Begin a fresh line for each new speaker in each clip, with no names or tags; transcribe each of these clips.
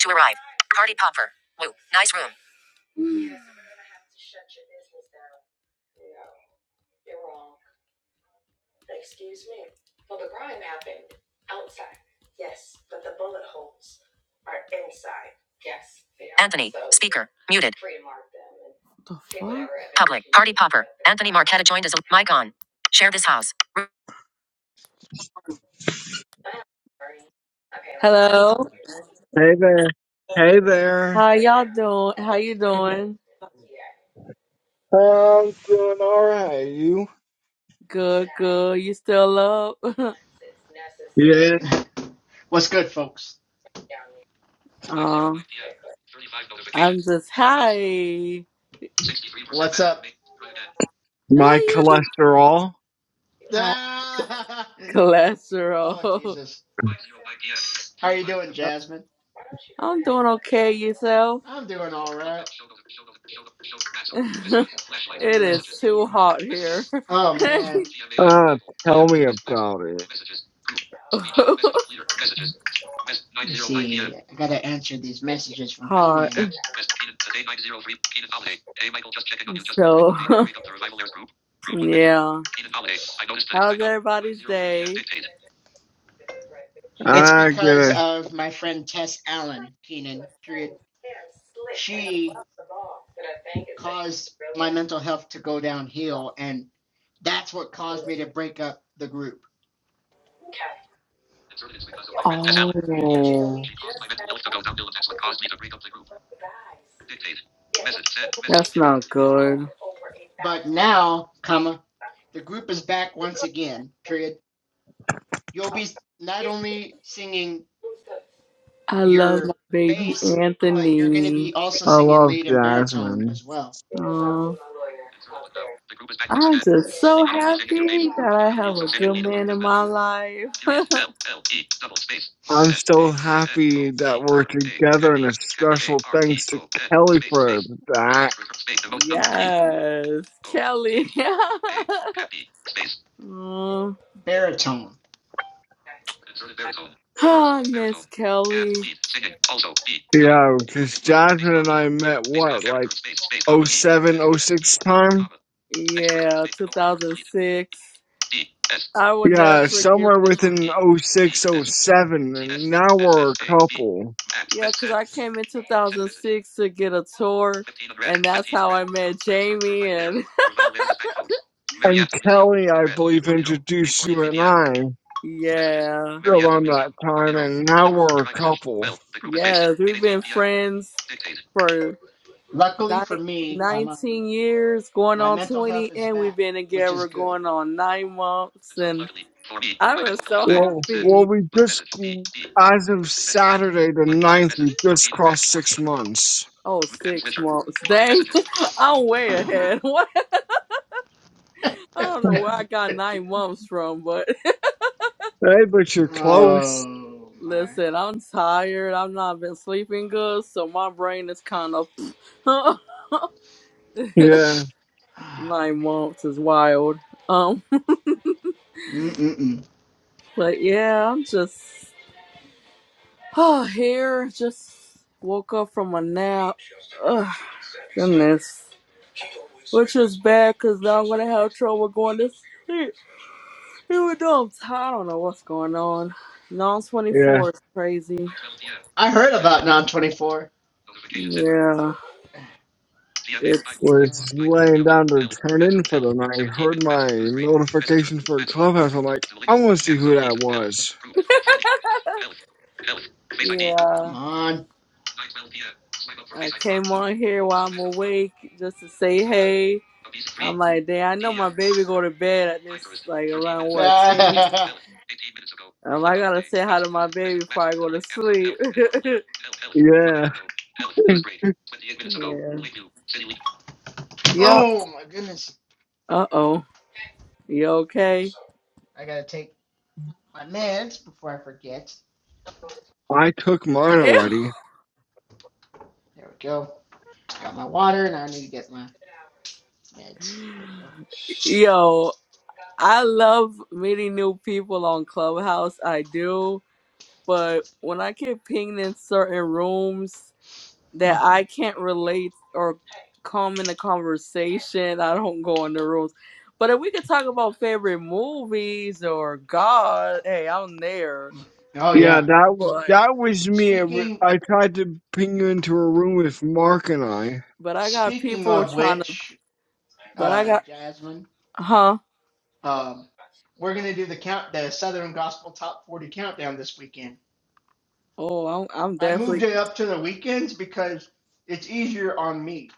To arrive. Party popper. Woo. Nice room. Ger. Muted. The fuck? Anthony Marquetta joined as a mic on. Share this house. Hello.
Hey there. Hey there.
How y'all doing? How you doing?
I'm doing all right. You?
Good, good. You still up?
Yeah,
What's good, folks? 5:05
um,
p.m. 35
I'm
notifications.
just
Clubhouse.
hi.
63%. What's up?
How
my
you?
cholesterol.
Hi.
Ah! Oh,
Cholesterol.
Jesus. How are you doing, Jasmine?
I'm doing okay. Yourself?
I'm doing all right.
it
Uh,
is too hot here.
oh man,
Uh, tell me about it.
let me see. I gotta answer these messages from Keenan.
hard.
Keenan. Today 903. Keenan Holiday. Hey Michael, just checking on you. Just wondering
So,
what made you break up the revival airs group. One mention.
yeah.
Keenan Holiday. I noticed that it's
How's
back up.
everybody's
903 PM.
day?
Dictate. It's
Ah,
because
good.
of my friend Tess Allen Keenan. Period. She caused my mental health to go downhill, and that's what caused me to break up the group. The because of my friend Tess
Oh,
Allen. She caused my mental health to go downhill and that's what caused me to break up the group. Dictate. Message sent. Message.
That's
Period.
not
Period.
good.
But now, comma, the group is back once again, period. You'll be not only singing
I love
your
my baby
bass, but you're going to
Anthony.
be also
I
singing
love
lead and baritone
Jasmine.
as well.
Oh,
Inserted but now. The group is back once
I'm
again.
just
You'll be
so
not only singing your bass,
happy that
but you're
I
gonna be
have
also
a
singing
good
lead and part
man
as
in
well.
my life.
Period. L L E double space
I'm
S A
so
space N
happy
O
that
T
we're
R A
together and
happy
a
happy A
special
R T
thanks to
O N
Kelly
space
for
space
that.
next return space the most number delete
yes,
O
Kelly.
T R A happy space
oh,
baritone inserted baritone words
I
baritone
miss
and
Kelly.
lead singing also E gonna
Yeah,
you closing
because
but space
Jasmine
comma
and
your
I
your
met
space comma
what, like
character space space comma
o
E
seven,
S
o
S E
six
comma
time?
comma next return
Yeah,
space the most number delete
2006.
D S
I will
space
never
Yeah,
forgive
somewhere
this.
R
within
E
o
D
six, o
S
seven,
See this.
and now
S S
we're a
A B.
couple.
Max
Yeah,
mess
because
sent.
I came in
Send message.
2006 to get a tour,
Fifteen on
and that's how I met
Iris Berg. The
Jamie.
revival airs.
And
The revival airs is back folks.
and
Marianta Museum.
Kelly,
On
I believe,
Our hero.
introduced you
8:43
and
p.m.
I
Messages.
yeah,
Marianta
around
Museum.
that
Our
time,
hero.
and now
Deliver.
we're
Your
a
iMessage.
couple.
Well, the group is fixed.
yes, we've
8:18
been
p.m.
friends
Dictate.
for
Luckily for
ni-
me, comma,
19 years, going
my
on
mental health
20,
is
and
back,
we've been
which is
together
good.
going on nine months.
Inserted
And
luckily for me, my
I'm
mental
just
health is
so
back.
Well,
Send.
well,
happy.
we
But
just,
message. D D.
as of
Mess send.
Saturday the
Button. Send
ninth,
message.
we just
14 on
crossed
14
six
on
months.
Oh,
App
six
switcher.
months.
Closing
Dang,
messages.
I'm way ahead. What?
oh
I don't know where I got nine months from, but.
Hey, but you're close.
my.
Listen, I'm tired. I've not been sleeping good, so my brain is kind of
Yeah,
nine months is wild. Um,
Mm-mm-mm.
but yeah, I'm just here. Just woke up from a nap. Ugh, goodness, which is bad because now I'm gonna have trouble going to sleep. Even though I'm tired, I don't know what's going on. Non
yeah.
24 is crazy.
I heard about non 24. Notification center.
Yeah,
DMA
it's
Bible.
We're
Voice box.
just
Pinterest.
laying
YouTube.
down to
Health.
turn in
WhatsApp.
for
Health.
the night. I
17
heard
minutes.
my
WhatsApp. Newsgrade. Messenger.
notification for
WhatsApp.
Clubhouse. I'm
Approved.
like, I
Duolingo.
want to see
Amazon
who that
Alexa. Health.
was.
Approved. Phone. Health. Health. Face ID.
yeah.
Come on. 9 p.m. Swipe up for
I
Face ID. 1.
came
2.
on here while I'm
Swipe 1.
awake just to say
2.
hey.
Abisa 3.
I'm like, dang, I know
DEF.
my baby go to bed at this
Pinterest.
like
13
around
minutes ago.
what ten.
Health. 18 minutes ago.
Um,
Reflect
I
on your
gotta
day.
say hi to
WhatsApp
my
news.
baby
Message.
before
WhatsApp.
I go
The
to
Amazon.
sleep.
Health. Confirm leader. Health. Health. One
Yeah,
hour ago. Health. News break. 28 minutes ago.
yeah.
Play new. City link.
Yup.
Oh my goodness.
Uh oh. You okay?
I gotta take my meds before I forget.
I took mine
Ew.
already.
There we go. I Got my water and I need to get my meds. There we go.
Yo, I love meeting new people on Clubhouse. I do, but when I get pinged in certain rooms. that I can't relate or come in the conversation. I don't go on the rules. But if we could talk about favorite movies or God, hey, I'm there.
Mm. Oh
Yeah,
yeah.
that
But
that was me. It wa-
Speaking
I tried to ping you into a room with Mark and I.
but I got
speaking
people
of
trying to.
which,
But I
uh
got
Jasmine,
huh.
um we're gonna do the count the Southern Gospel Top 40 countdown this weekend.
Oh, I'm I'm
I moved
definitely.
it up to the weekends because it's easier on me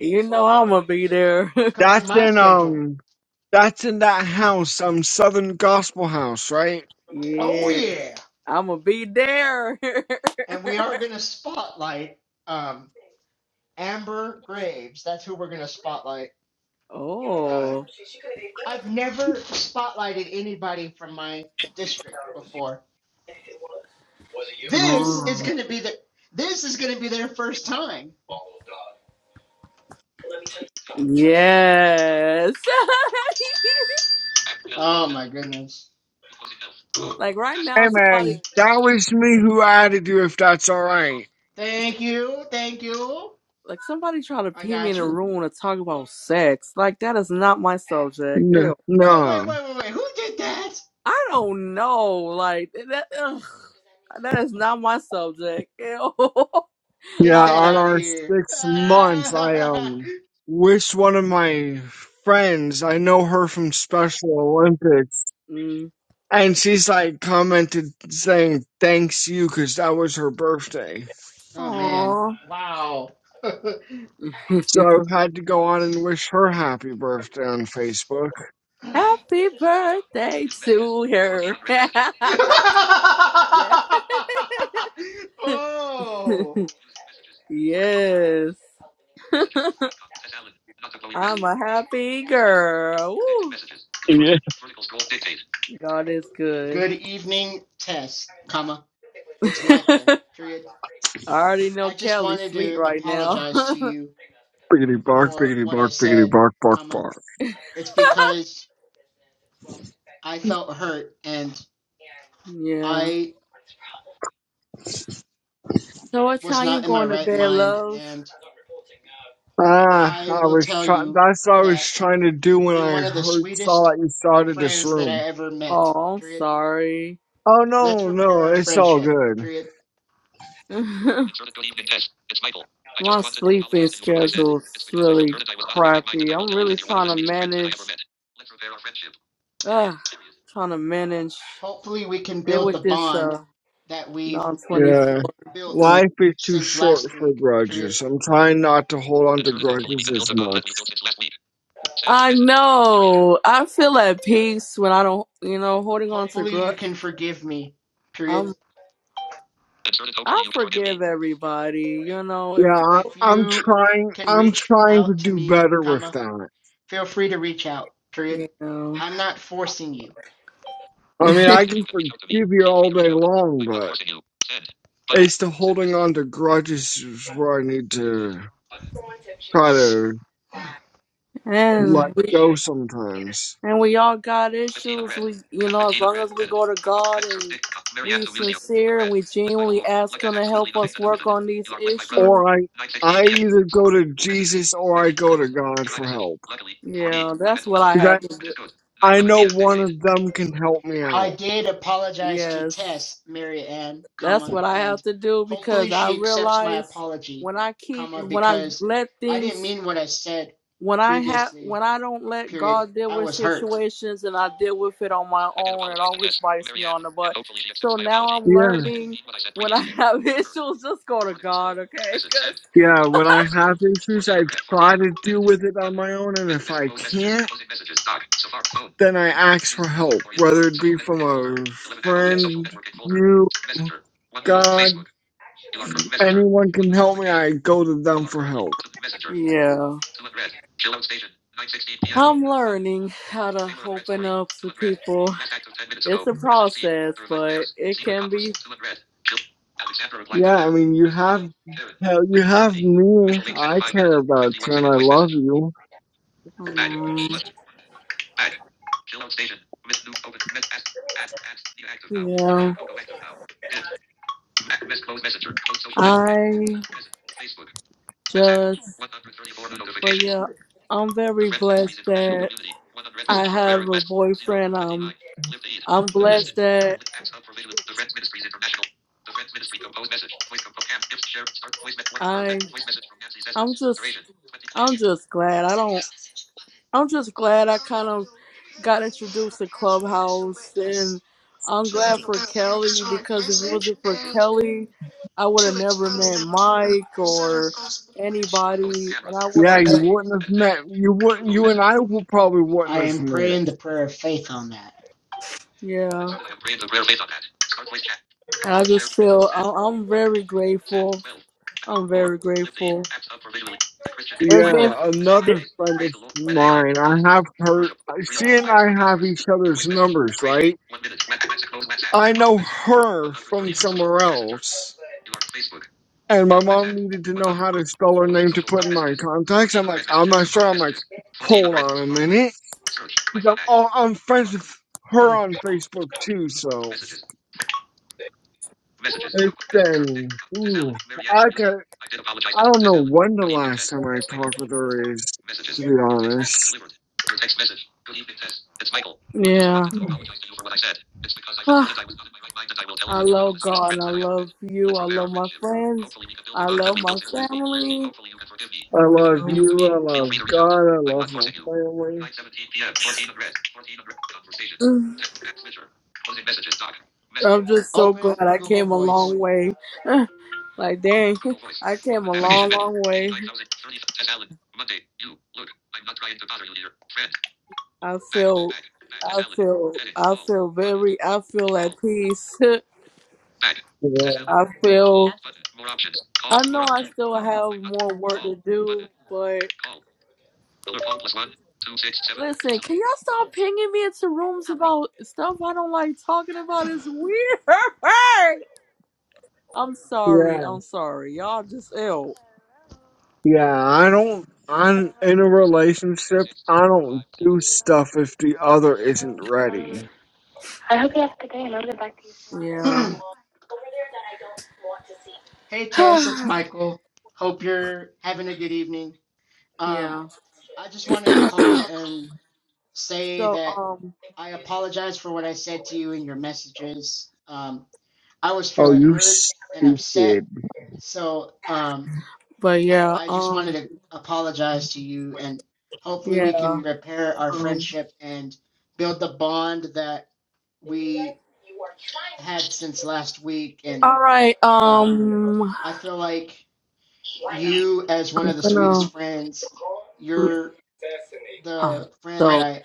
You know I'm gonna be there.
because of
That's
my
in
schedule.
um, that's in that house, um, Southern Gospel House, right?
Oh
yeah,
yeah,
I'm gonna be there.
and we are gonna spotlight um, Amber Graves. That's who we're gonna spotlight. Uh,
oh.
I've never spotlighted anybody from my district before. This is
Oh.
gonna be the this is gonna be their first time.
Yes.
Oh my goodness.
like right
Hey
now,
Passwords.
somebody
man, that
Messages.
was me who added you. If that's all right.
Thank you, thank you.
Like somebody try to
I
pee me in
got you.
a room to talk about sex. Like that is not my subject.
No,
Ew.
Wait, wait,
no.
wait, wait, wait. Who did that?
I don't know. Like that. Ugh. That is not my subject. Ew.
Get
Yeah,
I'm
that
on
like,
out of
our
here.
six months, I
Ah.
um, wish one of my friends. I know her from Special Olympics.
mm,
And she's like commented saying thanks you because that was her birthday.
oh man.
aw.
Wow.
So I had to go on and wish her happy birthday on Facebook.
Happy birthday
Messages.
to
Fourteen
her.
unread
yeah.
messages. oh. Messages. Four
yes.
messages. As Alan, not to blow your
I'm
message.
a happy
Messages.
girl.
Your
Woo.
messages. Delivered.
Yeah.
Vertical scroll dictate.
God is good.
Good evening, Tess, comma. It's Michael. Period.
I already know
I just
Kelly's
wanted
sweet
to
right now.
apologize to you
Biggity bark,
for
biggity
what I
bark, biggity
said,
bark, bark,
comma.
bark.
It's because I felt hurt and
yeah.
I
So what
was
time you
not in my
going to
right
bed,
mind.
love?
And
Ah,
I
I
will
was
tell
try-
you
that's what I was
that
trying to do when
you're
I
one of the
heard saw
sweetest
that you started this
friends that
room.
I ever met.
Oh, I'm
Period.
sorry.
Oh
Let's
no,
repair
no,
our
it's all
friendship.
good.
Period.
My
Insert a good evening test. It's Michael. I just wanted to
sleeping
apologize to you for what I said. It's
schedule's
because I felt
really
hurt and I was not in my right mind and
crappy.
I will
I'm
tell you
really
that you're one of
trying
the
to
sweetest friends that I ever
manage.
met. Let's repair our friendship. Period.
Uh,
Period.
trying to manage.
hopefully we can
Deal
build the
with this
bond
uh
that we've
non twenty four
Yeah,
built
thing.
life is too
since
short
last
for
week. Period.
grudges. I'm trying not to hold on to
Inserted. Hopefully, we
grudges
can build
as
the bond that
much.
we built since last week. Send
I
message. Period. Period.
know. I feel at peace when I don't, you know, holding on to
Hopefully you
grudge.
can forgive me. Period.
I'm.
Inserted. Hopefully,
I
you can forgive me.
forgive everybody. You know, if
Yeah, I-
If
I'm
you
trying.
can
I'm
reach
trying to
out to
do
me,
better with
comma,
that.
feel free to reach out. Period.
you know.
I'm not forcing you.
I mean, I
Inserted. If you
can
can reach out to me,
forgive you
feel free
all
to reach
day
out.
long,
I'm not
but.
forcing you. Send button.
It's the
Send
holding
message.
on to grudges is where I need
Dictate
to
button.
try to let
And we,
go sometimes.
and we all got
Fifteen
issues.
unread.
We, you know, as
Fifteen
long
unread.
as we
Edit.
go to
Compo-
God
Mix of
and
Dick.
we
Marianto Museum.
sincere and
Unread.
we
Blessed by the
genuinely
Lord. Luck
ask
has
Him to
absolutely
help
nothing
us
to do with
work
it.
on these
You are blessed, my brother.
issues.
Or I,
9:16
I
p.m.
either go to
Messages.
Jesus or I
Mary
go to
delivered.
God
Your
for
message.
help.
Luckily for
Yeah,
me, my
that's
mental
what
health is
I
back,
'Cause
have to
which is
do.
good.
I, I
9:11
know
p.m.
one
Dictate.
of them can help me
I
out.
did apologize to
Yes,
Tess, Mary Ann,
that's
comma,
what I
and
have to do
hopefully
because I
she accepts my
realize
apology,
when I keep
comma,
when I
because
let
I didn't
things
mean what I said
when I have
previously.
when I don't let
Period.
God deal
I
with
was hurt.
situations and I deal with it on my
I did
own, it
apologize to
always
Tess,
bites me
Marianne,
on the
and
butt.
hopefully she
So
accepts my
now
apology
I'm
because
Yeah,
I didn't
learning
mean what I said
when I
previously.
have
I was hurt.
issues, just go to
Vertical scroll.
God, okay?
Message
'Cause-
sent.
yeah. When
Sent
I
message.
have issues, I
1400.
try
1400.
to deal
Edit.
with it on
Button.
my own, and
Miss,
if I
close messages.
can't,
Closing messages. Doc. Safari. Phone.
then I ask
News.
for
News.
help,
Orient.
whether
Product.
it be
Social
from
networking folder.
a
11 app. Opening social
friend,
networking folder.
you,
Messenger. One new note.
God,
Facebook. You are current messenger.
anyone
One
can
new
help me.
notification.
I go to them
You are
for
currently
help.
to messenger.
yeah,
To red. Chill out station. 9:16 p.m.
I'm
Button.
learning how to
Taylor unread
open
story.
up
Two
to
unread.
people.
Last act of 10 minutes
It's
ago.
a
Message seen.
process,
The revival
but
airs.
it
Secret
can
conference.
be.
Two unread. Jill. Alexandra replied to
Yeah, I
Karen.
mean, you
Nice to meet
have
you, Karen.
hell, you
I'm from
have
Germany.
me.
Mitchell Lake sent
I
a 5 minute,
care about
51
you, and
second
I
voice
love
message.
you.
Bad.
um,
Button. Bad. Chill out station. Miss News open. Miss ask. Add. Add. New active now. Dakota
yeah,
Coco active now. Dead. Miss close messenger. Close social networking.
I
Miss. Facebook. WhatsApp.
just,
134
but
notifications.
yeah, I'm
The
very
Friends Ministries
blessed
International
that
Community. One hundred
I
message from prayer
have a
request. Zero
boyfriend.
twenty
Um,
nine. Live to eat.
I'm
New list.
blessed that
With acts of provision. The Friends Ministries International. The Friends Ministry composed message. Voice composed. Cam. Gifts. Share. Start. Voice. Met. one hundred. Met.
I
Voice message from Nancy
I'm
Zespers.
just
Duration. Twenty clear.
I'm just glad I don't I'm just glad I kind of got introduced to Clubhouse and I'm glad for Kelly because if it wasn't for Kelly I would have never met Mike or anybody and I would
Yeah,
have
you
Message.
never
wouldn't have
Edit text.
met. You wouldn't.
Composed
You and
message.
I would probably wouldn't
I
have
am
met.
praying the prayer of faith on that.
yeah
I am praying the prayer of faith on that. Start voice chat.
and I
Composed. Share.
just
Gifts.
feel
Send.
I- I'm
Button.
very
Send.
grateful
Twelve.
I'm
More.
very
Live E.
grateful
Apps up for visually. The Christian.
there's
Blank
been
Janet.
Yeah,
Isaiah
another
there-
Highways.
friend
Praise
of
the Lord. Meta AI.
mine.
God
I
is good.
have her.
Worship. 300.
She and
Iris
I have
Kurkosaurus.
each
Your voice
other's
message.
numbers,
Duration.
right?
1 minute. WhatsApp. Close WhatsApp.
I
Closing
know
WhatsApp.
her
130
from
from social.
somewhere
Messenger.
else.
You are Facebook.
And
You
my
are
mom
WhatsApp.
needed to know
100.
how to spell her
Closing
name to
social.
put
Dot
in my
messages.
contacts. I'm like,
1400
I'm
messages.
not
So far.
sure. I'm like,
Messages.
hold
1400.
on
So
a
far. Phone.
minute.
Search. My
'Cause I'm,
phone ad.
all, I'm
You
friends
are.
with her on Facebook too, so.
Messages. Messages.
it
Messages.
Listen,
Tess Allen.
ooh,
Mary Ann
I
so Museum.
can.
I did apologize.
I don't
Tess
know
Allen.
when the
Good evening,
last
Tess.
time I
It's Michael.
talked with her is, to
Messages.
be
Your text message
honest.
delivered. Your text message. Good evening, Tess. It's Michael. I just
yeah
wanted to
I
apologize to you for what I said. It's because I felt hurt and
Ah,
I was not in my right mind, and I will tell you
I
that you're one of
love
the sweetest
God I
friends that I ever met.
love you
Let's
I
repair our
love my
friendship.
friends
Hopefully, we can build the
I
bond that
love
we
my
built since last week.
family
Hopefully, you can forgive me.
And,
If you can
love
reach out to me,
you, I
feel
love
free to reach out.
God, I
I'm not
love my
forcing you.
family.
9:17 p.m. 1400. 1400. Conversations.
Um,
Text Switcher. Closing messages. Doc. Mess.
I'm just so glad
Open
I
Google
came a
Voice.
long way. like dang,
Google
I
Voice.
came
Open
a
navigation
long,
menu.
long way.
89,030. Tess Allen. Monday. You. Look. I'm not trying to bother you here. Friend.
I
Back.
feel,
Back. Back. Tess
I
Allen.
feel,
Edit.
I
Call.
feel
Button.
very, I feel at
Call.
peace.
Back. Tess
Yeah,
Allen.
I
Call.
feel,
Button. More options. Call.
I
More
know I
options. You.
still
Look.
have
I'm not.
more work to
Call.
do,
Button.
but
Call. Look. Call plus one. Two six seven.
listen,
Select.
can y'all stop pinging me into rooms about stuff I don't like talking about?
Plus
It's weird. I'm sorry.
yeah,
I'm sorry. Y'all just ill.
yeah. I don't, I'm in a
one. Two
relationship,
six seven.
I
Five
don't
zero.
do stuff if the other isn't ready.
Yeah.
hey, Tess, it's Michael. Hope you're having a good evening. Um,
yeah.
I just wanted to call and say
So
that
um
I apologize for what I said to you in your messages. Um, I was
Oh,
feeling
you
hurt and upset,
stupid.
so um,
but yeah,
I just wanted
um
to apologize to you, and hopefully we
yeah.
can repair our
Um
friendship and build the bond that we had since last week. And
all right,
um,
um
I feel like you, as one
I'm
of the sweetest
gonna
friends, you're
um
the friend that
so
I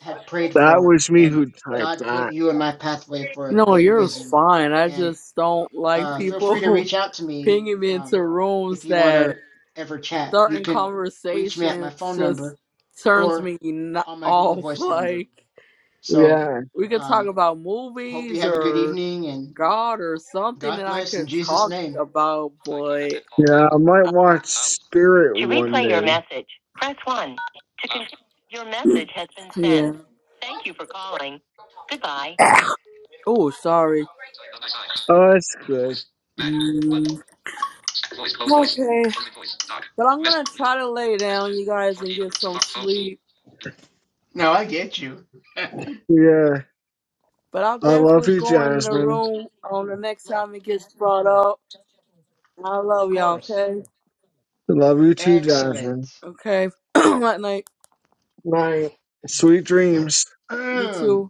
had prayed
That
for,
was me
and
who typed
God put
that.
you in my pathway for a
no,
good
you're
reason.
fine. I
And
just don't like
uh, feel free to
people
reach out to me
pinging me
um,
into
if
rooms
you want to
that
ever chat. You
certain
can reach me at my
conversations
phone
just
number
turns
or
me n-
on my Google
off.
Voice number.
Like
So,
Yeah,
we could talk
um,
about
hope you
movies
have a good
or
evening and
God or something
God
that I
bless in
could
Jesus'
talk
name.
about, but
yeah, I might watch Spirit
To
one
replay your
day.
message, press 1. To continue, your message has been
yeah.
sent. Thank you for calling. Goodbye.
Oh, sorry.
Sign number sign.
Oh, that's
Google
good.
Voice. Back. But voice. Close voice.
Okay.
Closing voice. Doc.
But I'm
Mess.
gonna
Music.
try to lay down,
Messages.
you guys, and
Fourteen
get
hundred.
some
Safari phone.
sleep.
No, I get you. of
Yeah.
But I'll
I love
definitely
you,
Music
go in
folder.
the
Jasmine.
room on the next time it gets brought up. I
Of
love y'all,
course.
okay?
I love you too,
Excellent.
Jasmine.
Okay. Night night.
Night. Sweet dreams.
You too.